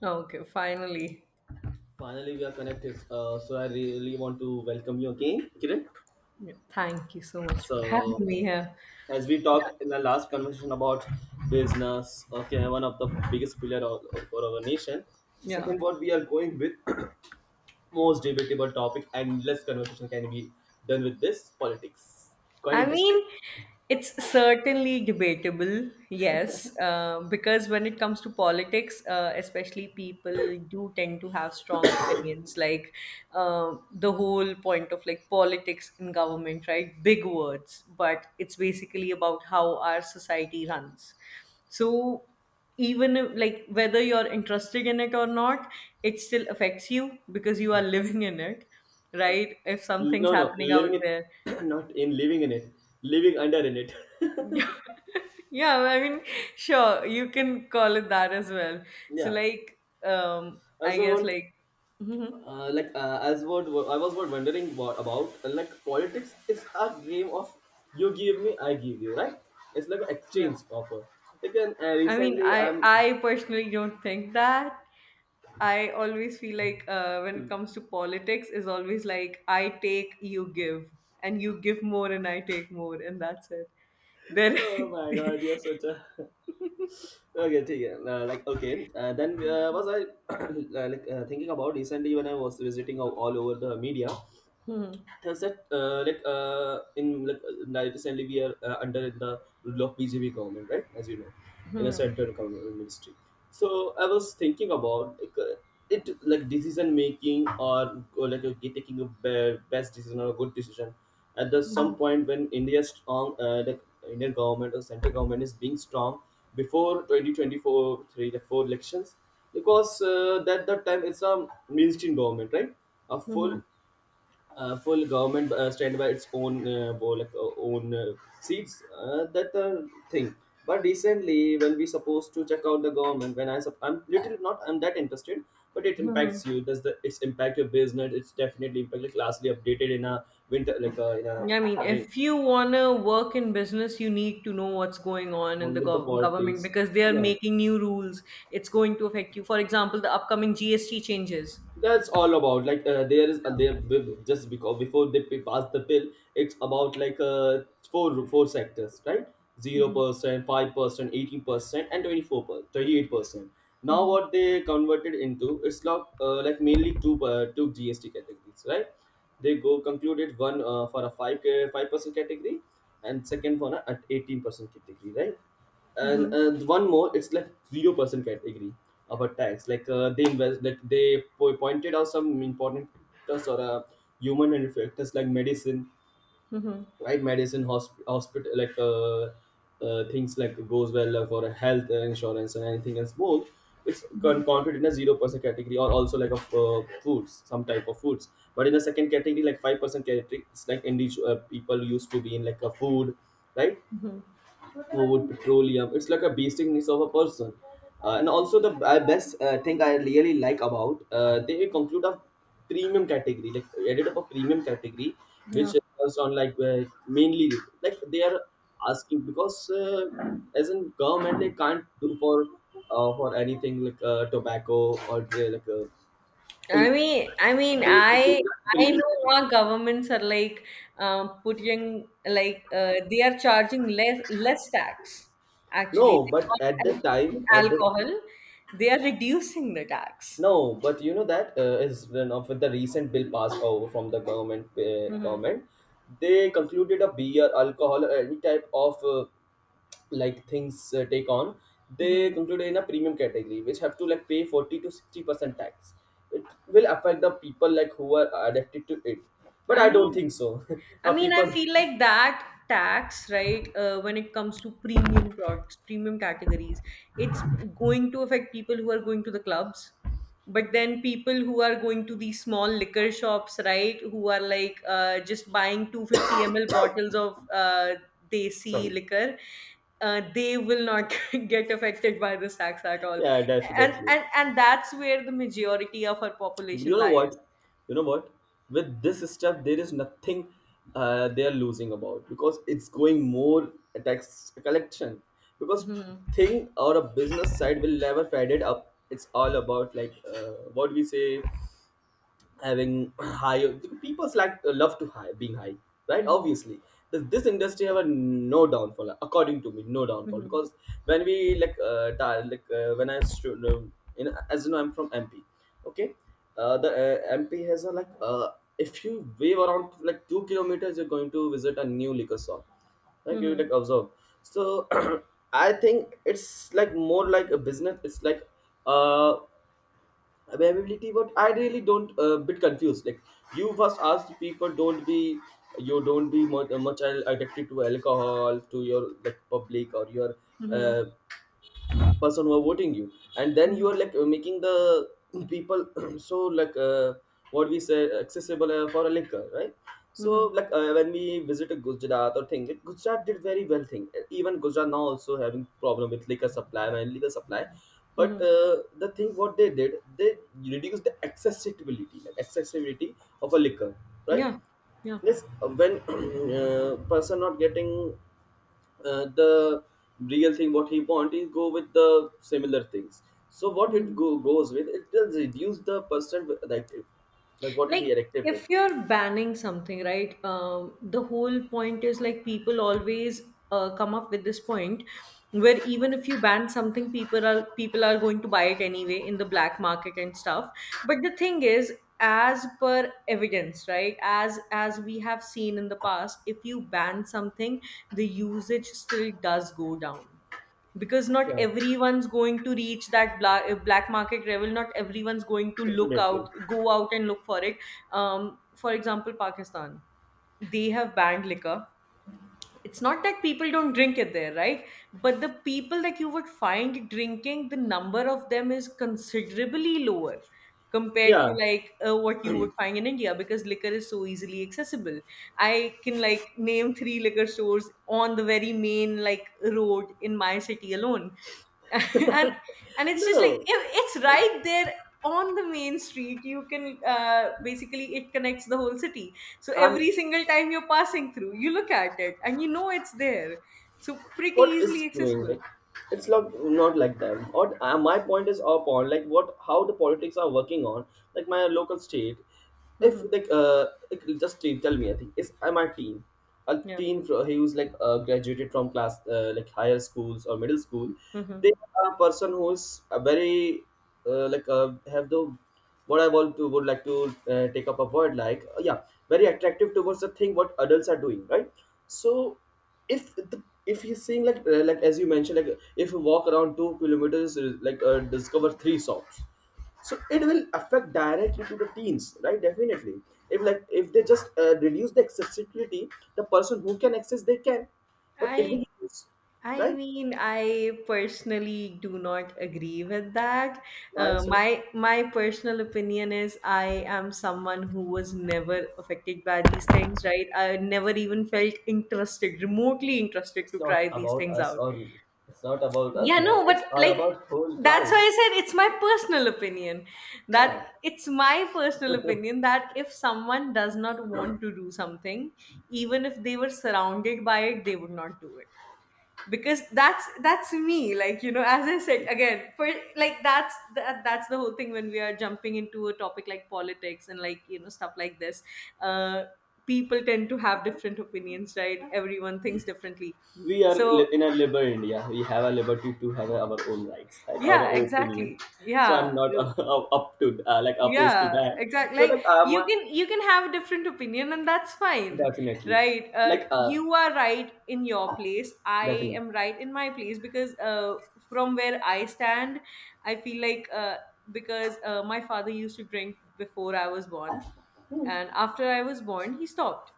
Okay, finally. Finally, we are connected. So I really want to welcome you again, Kiran. Yeah, thank you so much for So having me here. as we talked in the last conversation about business, okay, one of the biggest pillar of, for our nation. So Yeah. second, what we are going with most debatable topic and less conversation can be done with this politics. Quite I interesting. mean, it's certainly debatable, yes, because when it comes to politics, especially people do tend to have strong opinions, like the whole point of like politics in government, right? Big words, but it's basically about how our society runs. So even if, like whether you're interested in it or not, it still affects you because you are living in it, right? If something's No, no, happening out living in, there. not in living in it, living under in it. Yeah, yeah, I mean, sure, you can call it that as well. So, Yeah. like, I I also guess, want. like, mhm, As what I was what wondering what about like politics is a game of you give me, I give you, right? It's like an yeah. exchange offer again. I mean, Recently, I I'm. I personally don't think that. I always feel like when it comes to politics, is always like I take, you give, and you give more, and I take more, and that's it. There. Oh my god, you're such a okay ठीक है. Okay. Then was I, thinking about recently when I was visiting all over the media. Mhm, That's that like in like Now recently we are under the rule of BJP government, right? As you know, in a mhm, central government ministry. So I was thinking about like it like decision making, or taking a best decision or a good decision at the some mhm, point when India's strong, Indian government or central government is being strong before 2024, three like four elections, because that time, it's a mainstream government, right? A mhm, full government stand by its own, own, seats, that thing. But recently when we supposed to check out the government, when I'm little, not I'm that interested, but it mhm, impacts you. Does the it's impact your business? It's definitely impact, like lastly updated in a winter, in a I mean, rain if you want to work in business, you need to know what's going on in on the with the government politics. because they are Yeah. making new rules. It's going to affect you. For example, the upcoming GST changes. That's all about there is, just because before pass the bill, it's about four sectors, right? Hmm, 0%, 5%, 18% and 24%, 38%. Now hmm, what they converted into, it's mainly two GST categories, right? They go concluded one, for a 5, 5% category, and second for an 18% category, right? And hmm, one more, it's like 0% category of a tax. They invest, like, pointed out some important factors, or human and factors, like medicine, hmm, right? Medicine, hospital, things like goes well for health insurance and anything else, both. it's hmm, con- counted in a 0% category, or also like of foods, some type of foods. But in the second category, like 5% category, it's like individual people used to be in, like, a food, right? hmm. Food, petroleum. It's like a basic needs of a person. And also the best thing I really like about, they conclude a premium category, like added up a premium category, which Yeah. is on mainly, like they are asking because, as in government they can't do for, for anything, tobacco or they I conclude a I premium know category. our governments are like putting like they are charging less tax actually, No, but at like, on, the time, on at the. alcohol. They are reducing the tax. No, but you know that is, with the recent bill passed over from the government, they concluded a beer, alcohol, or any type of like things take on. They Mhm. concluded in a premium category, which have to like pay 40 to 60% tax. It will affect the people like who are addicted to it, but I I don't mean, think so. I Our mean, I people, feel like that tax, right, when it comes to premium products, premium categories, it's going to affect people who are going to the clubs. But then people who are going to these small liquor shops, right, who are like just buying 250 ml bottles of sorry, desi liquor, they will not get affected by this tax at all. yeah, And, definitely. and, and that's where the majority of our You population know what, lies. you know what, with this step there is nothing, they are losing about because it's going more, a tax collection, because Hmm. thing, or a business side will never fed it up. It's all about what we say, having high, people like love to high, being high, right? Obviously, this industry have a no downfall, according to me, no downfall, Mhm. because when we when no, in, as you know, I'm from MP, okay. The MP has a if you wave around like 2 kilometers, you're going to visit a new liquor shop, like, you like Mhm. observe. So I think it's like more like a business, it's uh availability, but I really don't, a bit confused, like, you first asked people don't be, you don't be much, much addicted to alcohol, to your like public or your Mhm. uh, person who are voting you, and then you are Mhm. Making the people so what we say accessible for a liquor, right? So Mhm. When we visited Gujarat, or thing, like Gujarat did very well thing. Even Gujarat now also having problem with liquor supply and liquor supply, but Mhm. The thing what they did, they reduced the accessibility, like accessibility of a liquor, right? Yeah. Yeah. Yes, when person not getting the real thing what he want, is go with the similar things. So what it Mhm. Goes with, it will reduce the percent active, like what he Like, erected with. if you're banning something, right? The whole point is like people always come up with this point where even if you ban something, people are going to buy it anyway in the black market and stuff. But the thing is, as per evidence, right? As we have seen in the past, if you ban something, the usage still does go down because not Yeah, everyone's going to reach that black market level, not everyone's going to look definitely. out, go out and look for it. For example, Pakistan, they have banned liquor. It's not that people don't drink it there, right? But the people that you would find drinking, the number of them is considerably lower compared Yeah, to like what you would find in India because liquor is so easily accessible. I can like name three liquor stores on the very main like road in my city alone. and and it's no, just like no, it's right there on the main street. You can basically, it connects the whole city, so I'm. every single time you're passing through, you look at it and you know it's there. So pretty What is easily doing, accessible. like, it's not like that. What my point is upon, like, what how the politics are working on, like my local state. If Hmm. Just tell me, I think is I'm a teen, a Yeah. teen who's graduated from class like higher schools or middle school. They Hmm. are a person who's a very have the, what I want to would like to take up a word, yeah, very attractive towards the thing what adults are doing, right? So if he's saying like as you mentioned, like if you walk around 2 kilometers, discover three songs, so it will affect directly to the teens, right? Definitely. If like, if they just reduce the accessibility, the person who can access, they can, but it will I reduce, I right? mean, I personally do not agree with that. Why so? My personal opinion is I am someone who was never affected by these things, right? I never even felt interested, remotely interested to It's not try these about things us, out. or it's not about us Yeah, now. no, It's but all like about whole that's why crowd. I said it's my personal opinion. That Yeah. it's my personal opinion that if someone does not want to do something, even if they were surrounded by it, they would not do it. Because that's me. Like, you know, as I said again, for like that's the whole thing when we are jumping into a topic like politics and, like, you know, stuff like this. Uh People tend to have different opinions, right? Everyone thinks differently. So In a liberal India, we have a liberty to have our own rights, right, our yeah, own opinion. exactly, So I'm yeah, not, up to, like, opposed to yeah, that. exactly, So like like I'm you can, you can have a different opinion and that's fine, definitely. right. Like, You are right in your place, I definitely. am right in my place because from where I stand, I feel like because my father used to drink before I was born and after I was born he stopped,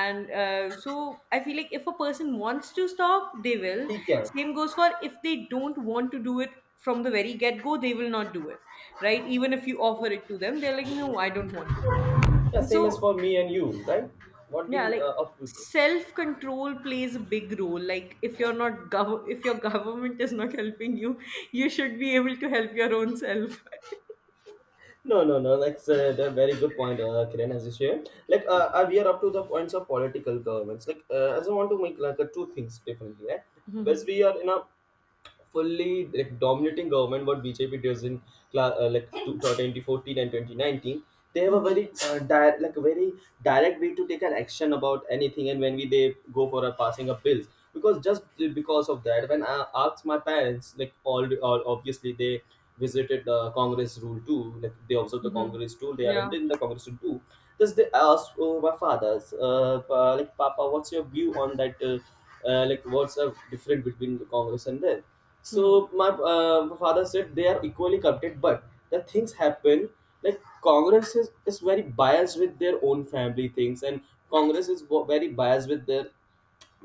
and so I feel like if a person wants to stop they will. He can. Same goes for if they don't want to do it from the very get go, they will not do it, right. Even if you offer it to them they're like, no, I don't want to. Yeah, And same as so for me and you, right? What yeah, we like up to. self control plays a big role. Like if you're not if your government is not helping you, you should be able to help your own self. No, no, no, that's a very good point, Kiran has shared. We are up to the points of political governments. I just want to make two things differently, right? Because Mhm, we are in a fully like dominating government, what BJP does in 2014 and 2019, they have a mhm, very a very direct way to take an action about anything, and when we they go for a passing of bills. Because just because of that, when I asked my parents, like, all obviously they visited the Congress rule too, like they observed the mhm. Congress rule, they are in Yeah, the Congress rule too. Just they asked, oh, my father's pa- like papa, what's your view on that, what's the difference between the Congress and them? mhm, So my father said they are equally corrupted, but the things happen, like Congress is very biased with their own family things, and Congress is very biased with their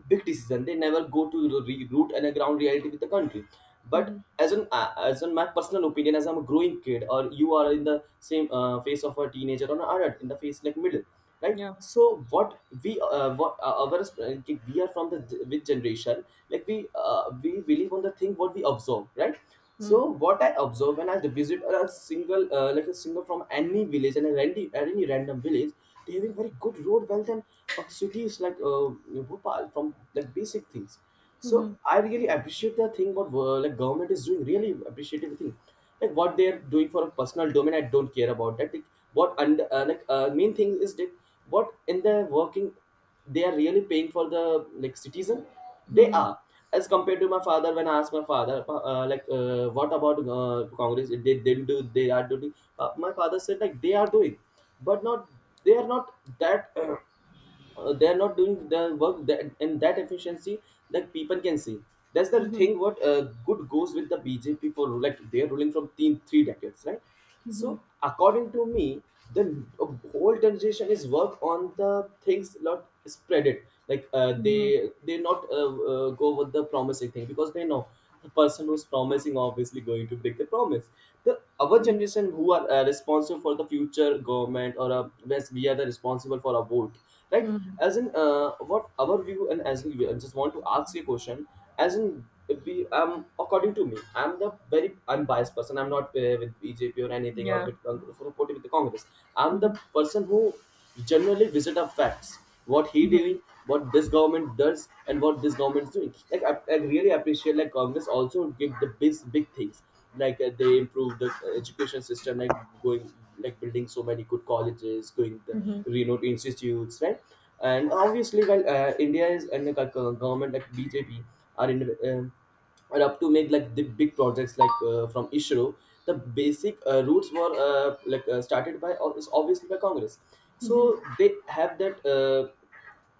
big decision. They never go to the root and a ground reality with the country. But mhm, as on my personal opinion, as I'm a growing kid, or you are in the same phase of a teenager or an adult in the phase like middle, right? yeah. So what we what our we are from the with generation, like we believe on the thing what we observe, right? Mhm, So what I observe when I visit a single from any village and a any random village, they having very good road wealth and of cities Bhopal, from like basic things. So I really appreciate the thing what government is doing, really appreciative thing, like what they are doing for a personal domain. I don't care about that. Like, what and like main thing is that what in the working they are really paying for the like citizen they mhm, are as compared to my father. When I asked my father what about Congress, they didn't do, they are doing, my father said like they are doing, but not, they are not that they are not doing the work that in that efficiency that people can see. That's the mhm, thing what good goes with the BJP, for like they are ruling from three, three decades, right? mhm, So according to me, the whole generation is work on the things, not spread it. Like mhm, they not go with the promising thing, because they know the person who's promising obviously going to break the promise. The our mhm. generation who are responsible for the future government, or yes, we are the responsible for our vote, right? Mhm. As in what our view, and as in, I just want to ask you a question. As in if we according to me, I'm the very unbiased person. I'm not with BJP or anything, or Yeah. with supporting with the Congress. I'm the Mhm. person who generally visit up facts, what he Mhm. doing, what this government does, and what this government's doing. Like I really appreciate, like Congress also did the big big things. Like they improved the education system, like going, like building so many good colleges, going the Mhm. renowned institutes, right? And obviously, while India is, and like government like BJP are in. Or up to make like the big projects like from ISRO, the basic roots were started by is obviously by Congress. Mhm. So they have that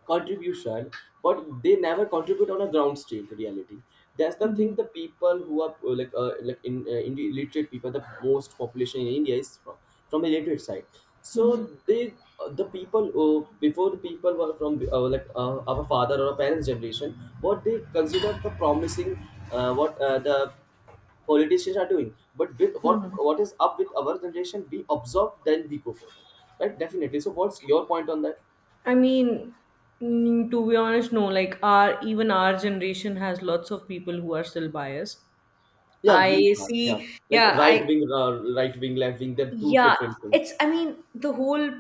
contribution, but they never contribute on a ground state reality. That's the thing. Mhm. The people who are like in the illiterate people, the most population in India is from the illiterate side, so they the people before, the people were from our father or our parents generation, what they consider the promising, what the politicians are doing. But with what Mhm. what is up with our generation, we observe then we go forward, right? Definitely. So what's your point on that? I mean, mm, to be honest, no. Like, our even our generation has lots of people who are still biased. Yeah, we I are, yeah, see. like Yeah, right I wing, right wing, left wing, they're two yeah, different things. it's, I mean, the whole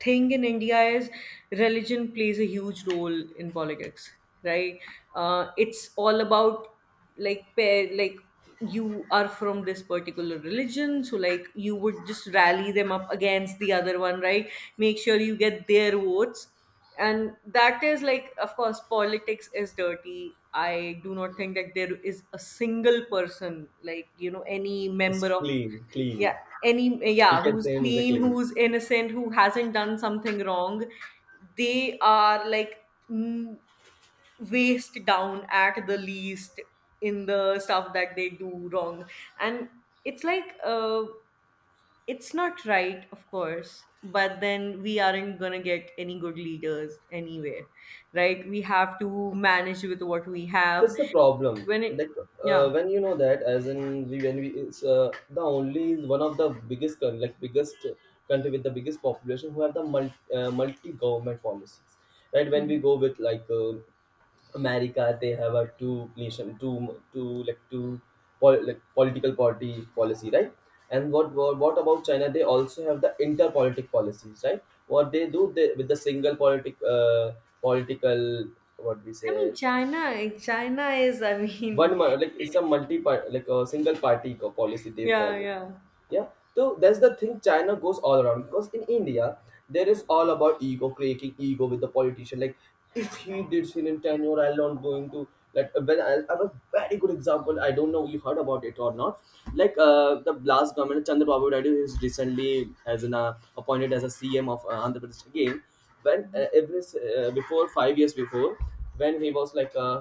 thing in India is religion plays a huge role in politics, right? It's all about like pair, like you are from this particular religion, so like you would just rally them up against the other one, right? Make sure you get their votes. And that is like, of course, politics is dirty. I do not think that there is a single person, like, you know, any It's member of clean, clean. yeah, any, We yeah, can who's say it's a clean, clean. who's innocent, who hasn't done something wrong. They are like, mm, waist down at the least in the stuff that they do wrong. And it's like it's not right, of course, but then we aren't going to get any good leaders anyway, right. We have to manage with what we have That's the problem, when it that yeah. when you know that, as in we, when we it's the only one of the biggest like biggest country with the biggest population, who have the multi, multi government policies, right? When we Mhm. go with like America, they have a two nation, two like two like political party policy, right? And what, what about China? They also have the interpolitic policies, right? What they do, they, with the single politic political, what we say, China is, I mean, like it's a multi part, like a single party policy they yeah, follow. yeah. Yeah. So that's the thing, China goes all around. Because in India, there is all about ego, creating ego with the politician. Like if he did sin in tenure, I'm not going to, like when I have a very good example, I don't know you heard about it or not. Like the last government, Chandrababu Naidu is recently as in appointed as a CM of Andhra Pradesh again. When before 5 years before, when he was like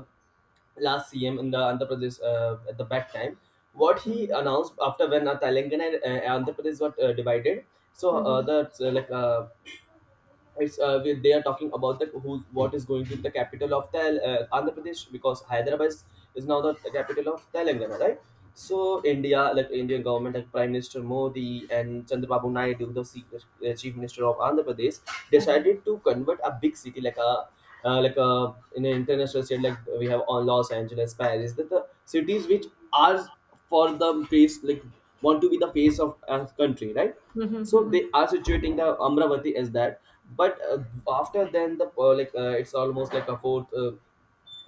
last CM in the Andhra Pradesh at the back time. What he Mhm, announced after, when Telangana and Andhra Pradesh got divided, so mhm, they are talking about the who, what is going to be the capital of the Andhra Pradesh, because Hyderabad is now the capital of Telangana, right? So India, like Indian government, like Prime Minister Modi and Chandrababu Naidu, the Chief Minister of Andhra Pradesh, decided to convert a big city like a in an international state, like we have on Los Angeles, Paris, that the cities which are for the face, like want to be the face of a country, right? mhm, So they mhm. are situating the Amravati as that. But after then the it's almost like a fourth uh,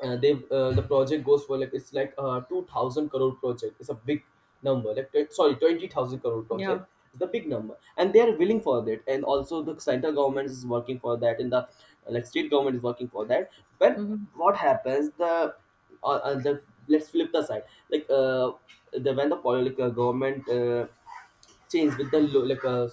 uh, they uh, the project goes for like, it's like a 2000 crore project, it's a big number, like sorry, 20,000 crore Yeah. project, it's the big number, and they are willing for that, and also the central government is working for that, and the like state government is working for that. But Mhm, what happens, the the, let's flip the side, like the, when the political government change with the like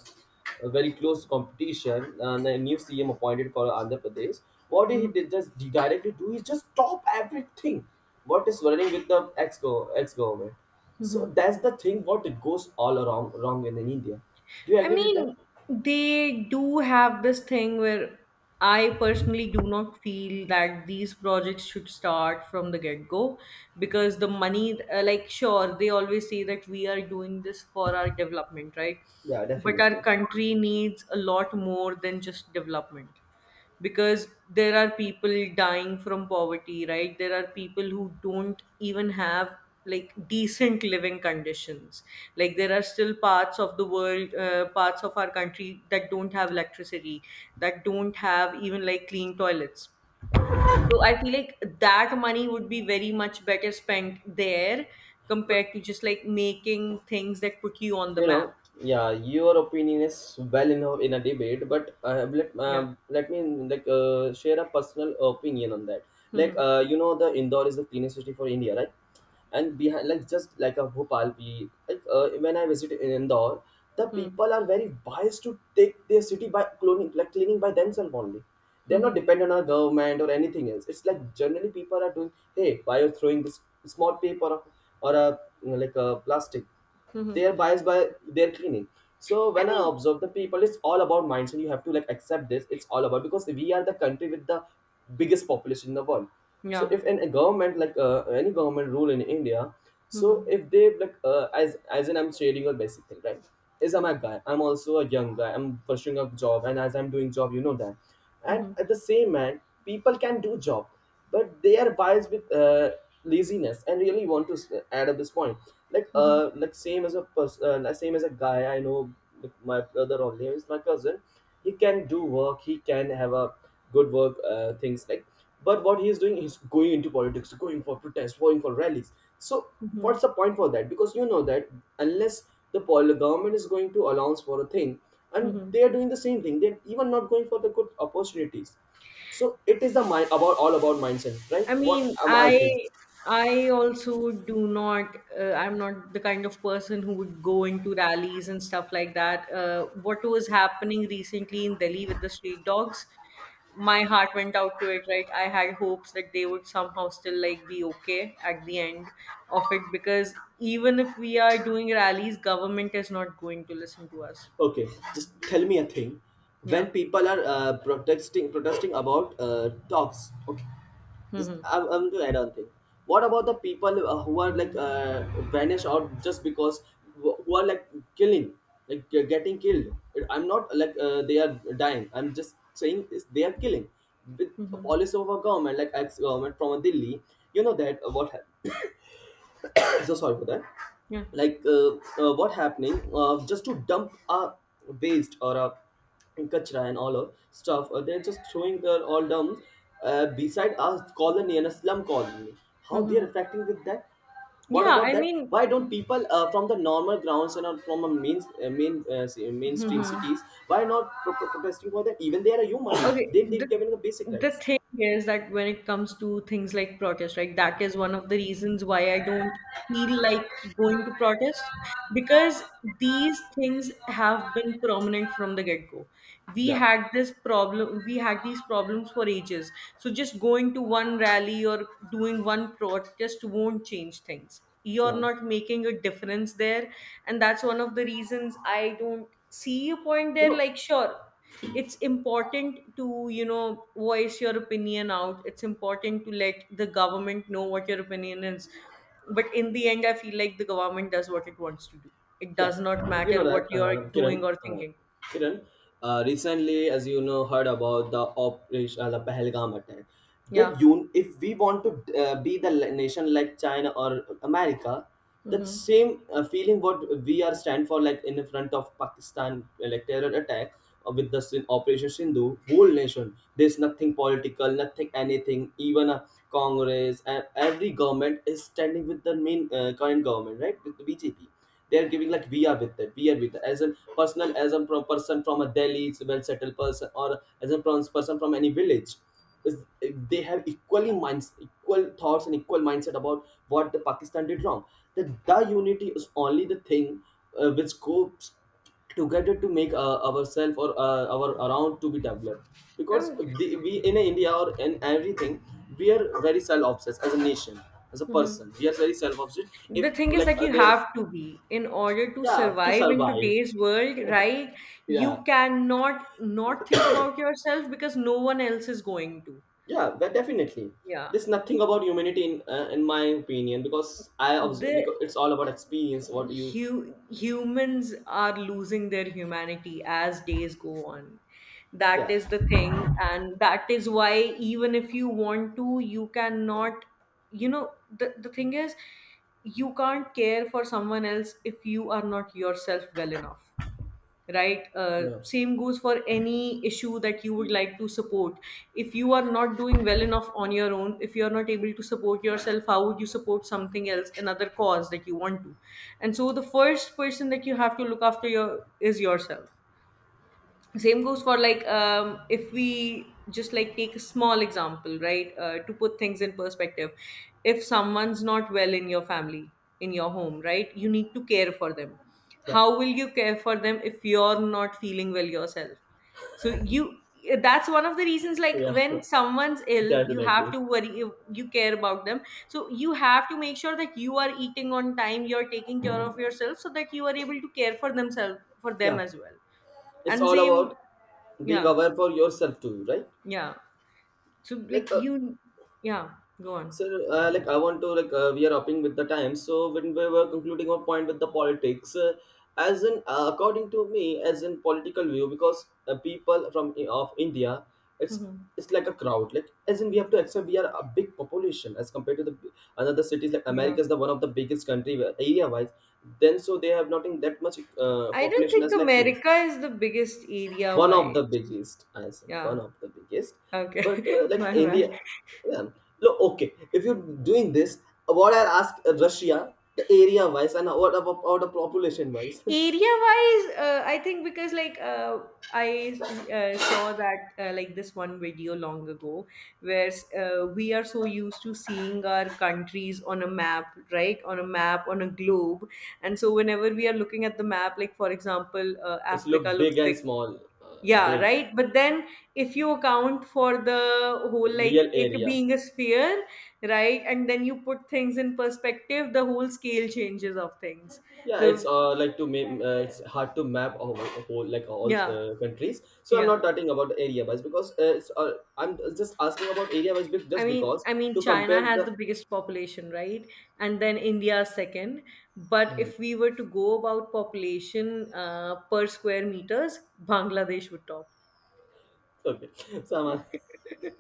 a very close competition, and the new CM appointed for Andhra Pradesh. What did he mhm, did, just he directly do? He just stop everything. What is running with the ex government? mhm. So that's the thing. What it goes all around wrong in India. Do you I agree with them? mean, they do have this thing where I personally do not feel that these projects should start from the get go because the money, like, sure, they always say that we are doing this for our development, right? Yeah, But our definitely. country needs a lot more than just development, because there are people dying from poverty, right. There are people who don't even have like decent living conditions, like there are still parts of the world, parts of our country that don't have electricity, that don't have even like clean toilets. So I feel like that money would be very much better spent there But compared to just like making things that put you on the you map. know, yeah, your opinion is well enough in a debate, but Yeah. Let me like share a personal opinion on that. Like Mm-hmm. You know the Indore is the cleanest city for India, right? And behind like just like a Bhopal, we like when I visit in Indore, the Mm-hmm. people are very biased to take their city by cloning, like cleaning by themselves only. They're not Mm-hmm. dependent on government or anything else. It's like generally people are doing, hey, why are you throwing this small paper, or a, like a plastic? Mm-hmm. They are biased by their cleaning. So I when I mean, observe the people, it's all about mindset. You have to like accept this. It's all about, because we are the country with the biggest population in the world. So yeah. if an, a government like any government rule in India, so Mm-hmm. if they like as in I'm sharing a basic thing, right? Is I'm a guy, I'm also a young guy, I'm pursuing a job, and as I'm doing job, you know that, and Mhm, at the same man, people can do job, but they are biased with laziness, and really want to add up this point. Like mhm, same as a person, like same as a guy I know, like my brother only is my cousin. He can do work, he can have a good work things, like, but what he is doing is going into politics, going for protests, going for rallies. So mhm, what's the point for that? Because you know that, unless the government is going to allowance for a thing, and mhm. they are doing the same thing, they're even not going for the good opportunities. So it is the mind about, all about mindset, right? I What mean, am I think? I also do not. I'm not the kind of person who would go into rallies and stuff like that. What was happening recently in Delhi with the street dogs, my heart went out to it. Right, I had hopes that they would somehow still like be okay at the end of it because even if we are doing rallies, government is not going to listen to us. Okay, just tell me a thing. When Yeah. people are protesting about talks. Okay, just Mm-hmm. I'm going to add on thing. What about the people who are like vanish out, just because who are like killing, like getting killed? I'm not like they are dying, I'm just saying is they are killing with a Mm-hmm. policy of a government, like ex government from Delhi. You know that what happened. So sorry for that. Yeah. Like what happening just to dump a waste, or a kachra and all of stuff, they're just throwing their all down beside a colony and a slum colony. How Mm-hmm. they're affecting with that? What Yeah, about I that? mean, Why don't people from the normal grounds, and from a main mainstream hmm. cities, why not protesting for that? Even they are a human, Okay, they, they're the given the basic rights. thing is that when it comes to things like protest, right, that is one of the reasons why I don't feel like going to protest because these things have been prominent from the get-go. We Yeah. had this problem, we had these problems for ages. So just going to one rally or doing one protest won't change things. You're Tela. not making a difference there, and that's one of the reasons I don't see a point Que. there. Like, sure, it's important to, you know, voice your opinion out, it's important to let the government know what your opinion is, but in the end I feel like the government does what it wants to do. It Yeah, does not you know matter that, what you're Kiran. doing or thinking. Kiran, recently, as you know, heard about the operation, the Pahalgam attack. The Yeah. If we want to be the nation like China or America, that Mm-hmm. same feeling what we are stand for, like in front of Pakistan, like terror attack with the Operation Sindhu, whole nation. There's nothing political, nothing anything. Even a Congress and every government is standing with the main current government, right, with the BJP. They are giving like we are with it as a personal as a person from a Delhi, it's a well settled person, or as a person from any village is. They have equally minds, equal thoughts and equal mindset about what the Pakistan did wrong. That the unity is only the thing which goes together to make ourselves or our around to be developed, because we in India or in everything, we are very self-obsessed as a nation. As a Hmm. person we are very self-obsessed if The thing is like that you there have to be in order to yeah, to survive in survive. today's world, right? Yeah. You cannot not think about yourself because no one else is going to. Yeah, but definitely Yeah. there's nothing about humanity in my opinion, because The because it's all about experience what you. Humans are losing their humanity as days go on. Yeah. That is the thing, and that is why even if you want to, you cannot. you know the thing is, you can't care for someone else if you are not yourself well enough, right? Yeah. Same goes for any issue that you would like to support. If you are not doing well enough on your own, if you are not able to support yourself, how would you support something else, another cause that you want to? And so the first person that you have to look after your is yourself. Same goes for like, if we just like take a small example, right? To put things in perspective, if someone's not well in your family, in your home, right, you need to care for them. Yeah. How will you care for them if you're not feeling well yourself? So you That's one of the reasons, like Yeah. when someone's ill, you have Definitely. to worry, you care about them, so you have to make sure that you are eating on time, you're taking care of yourself, so that you are able to care for themselves, for them Yeah, as well. it's And all about same. being Yeah, aware for yourself too, right? yeah. So like like uh, you, yeah, go on. So, like, I want to we are upping with the time. So, when we were concluding our point with the politics, as in according to me, as in political view, because people from of India, it's Mhm. it's like a crowd. Like, as in we have to accept we are a big population as compared to the another cities. Like Yeah. America is the one of the biggest country area wise. Then so they have not in that much I don't population think as like me. America is the biggest area One of wise. the biggest, I say one Yeah. of the biggest. But Okay. like My India, bad. yeah. Look, okay, if you're doing this, what I ask Russia the area wise, and what about the population wise? Area wise, I think because like, I saw that, like this one video long ago where, we are so used to seeing our countries on a map, right? On a map, on a globe. And so whenever we are looking at the map, like for example, It's Africa look big looks and like, small, yeah, big. right. But then if you account for the whole like Real it area. being a sphere, right? And then you put things in perspective, the whole scale changes of things. Yeah, So it's like to it's hard to map a whole like all yeah, countries, so I'm not yeah. talking about area wise because it's, I'm just asking about area wise, I just mean, because I mean, to China compare has the. the biggest population, right? And then India is second. But if we were to go about population per square meters, Bangladesh would top. Okay. So I'm,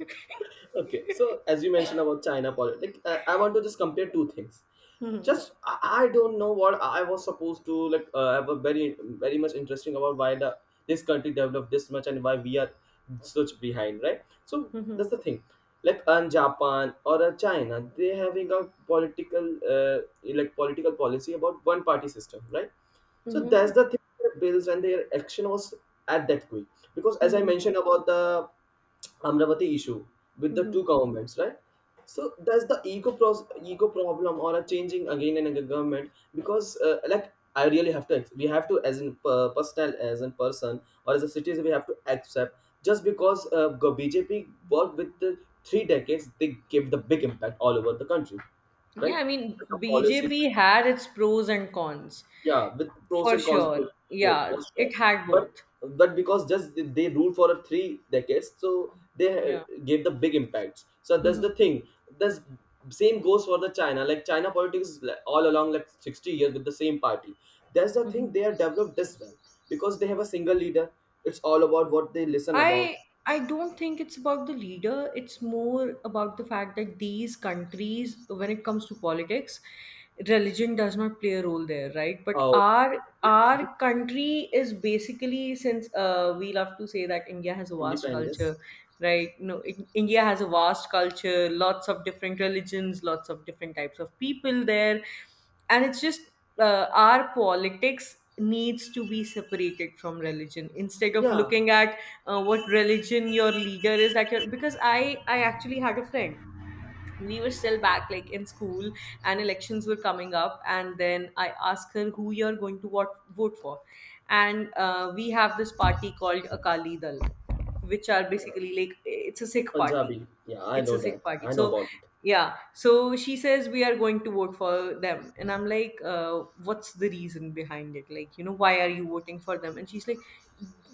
okay, so as you mentioned about China politics, like, I want to just compare two things. Mhm. Just I don't know what I was supposed to like. I was very very much interesting about why the this country developed this much and why we are such behind, right? So Mhm. that's the thing. Like in Japan or China, they having a political like political policy about one party system, right? So that's Mhm. the thing. Their bills and their action was at that quick because, as I Mhm. mentioned about the Amravati issue with the Mhm. two governments, right? So that's the ego problem, or a changing again and again government, because like I really have to we have to as in personal as in person or as a citizen we have to accept just because BJP worked with the three decades they gave the big impact all over the country, Yeah, right? I mean, The policies, BJP had its pros and cons yeah, with pros for and cons sure. both, both Yeah, was strong. it had But both. but because just they ruled for a three decades, so Yeah. Gave the big impacts. So that's Hmm. the thing. That's same goes for the China. Like China politics is like all along like 60 years with the same party. That's the thing. Hmm. They are developed this well because they have a single leader. It's all about what they listen about. I I don't think it's about the leader. It's more about the fact that these countries, when it comes to politics, religion does not play a role there, right? But How our country is basically, since we love to say that India has a vast independence. culture, right? No, in, India has a vast culture, lots of different religions, lots of different types of people there, and it's just, our politics needs to be separated from religion instead of Yeah, looking at, what religion your leader is, that you're, because I actually had a friend. We were still back like in school, and elections were coming up, and then I asked her who you're going to, what, vote for, and we have this party called Akali Dal, which are basically like it's a Sikh party, Punjabi. Yeah, I it's know a that. Sikh party. I know So about it. yeah, so she says we are going to vote for them, and I'm like, what's the reason behind it? Like, you know, why are you voting for them? And she's like,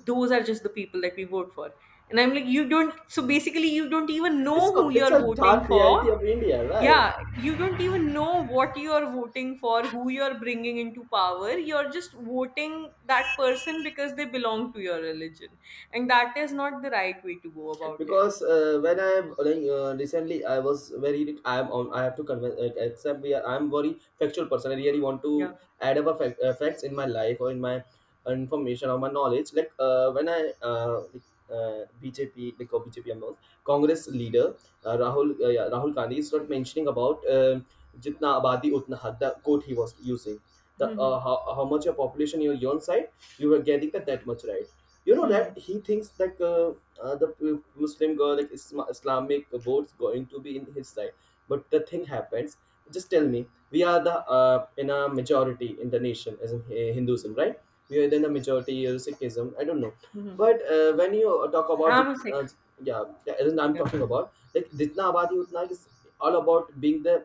those are just the people that we vote for. And I'm like, you don't, so basically you don't even know who It's you're a voting dark for. reality of India, right? Yeah, you don't even know what you're voting for, who you're bringing into power. You're just voting that person because they belong to your religion, and that is not the right way to go about it. Because when I'm like, recently I was very I'm on I have to convince accept we are, I'm very factual person, I really want Yeah. to add up a fact, facts in my life or in my information or my knowledge when I like, BJP like or BJP I'm Congress leader, Rahul yeah, Rahul Gandhi is not mentioning about jitna abadi utna had the quote he was using the. Hmm. How much your population in your own side, you were getting that that much, right? You know Hmm. that he thinks that. The Muslim girl, like Islamic votes going to be in his side. But the thing happens. Just tell me, we are the in a majority in the nation as in Hinduism, right? We are in the majority Sikhism. I don't know, Hmm. but when you talk about I'm sick yeah, yeah, as in I'm yeah. talking about like jitna abadi utna is all about being the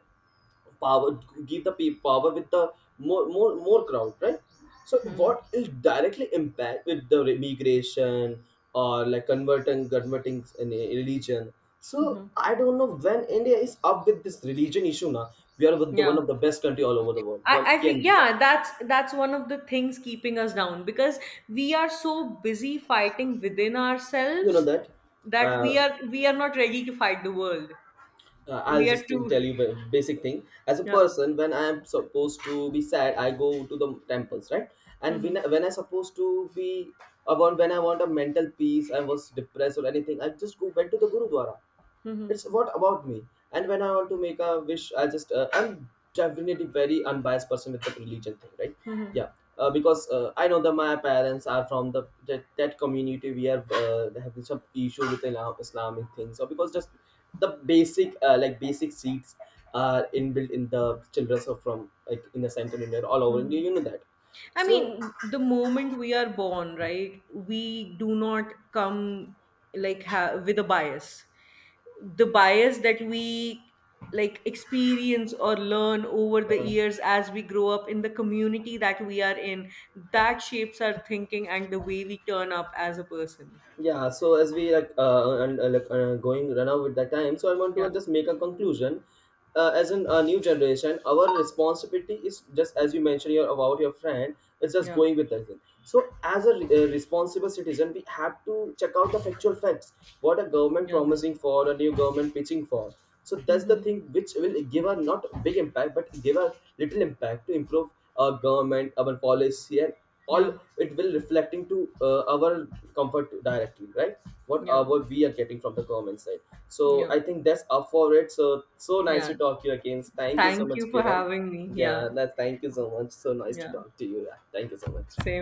power, give the people power with the more crowd, right? So Hmm. what is directly impact with the migration or like converting in a religion. So Hmm. I don't know when India is up with this religion issue. Now we are with the one Yeah. of the best country all over the world I, one I feel, can be that. yeah, that's one of the things keeping us down, because we are so busy fighting within You know ourselves that. that we uh, are, we are not ready to fight the world. I'll We are just too. tell you the basic thing. As a Yeah. person, when I am supposed to be sad, I go to the temples, right? And Mhm. when I supposed to be about when I want a mental peace, I was depressed or anything, I just go went to the gurudwara. Mhm. It's what about me. And when I want to make a wish, I just I'm definitely very unbiased person with the religion thing, right? Mhm. Yeah. Because I know that my parents are from that community, we are having some issue with Islam, Islamic things, so because just the basic like basic seeds are inbuilt in the children, so from like in the central India all over India, Mhm. you know that. I So mean, the moment we are born, right, we do not come like, with a bias. The bias that we like experience or learn over the uh, years as we grow up in the community that we are in, that shapes our thinking and the way we turn up as a person. yeah, so as we and going run out with the time, so I want to Yeah, just make a conclusion. As in a new generation, our responsibility is just as you mentioned your about your friend, it's just yeah, going with that. So as a responsible citizen, we have to check out the factual facts, what a government yeah. promising for, a new government pitching for. So that's the Mm-hmm. thing which will give a not big impact but give a little impact to improve our government, our policy and all. Yeah, It will reflecting to our comfort directly, right, yeah, what we are getting from the government side. So yeah, I think that's up for it. So, so nice yeah. to talk to you again, thank you so Thank much, you for Kiran. having me. Yeah, Yeah, that's thank you so much, so nice to yeah. talk to you, yeah, thank you so much. Same.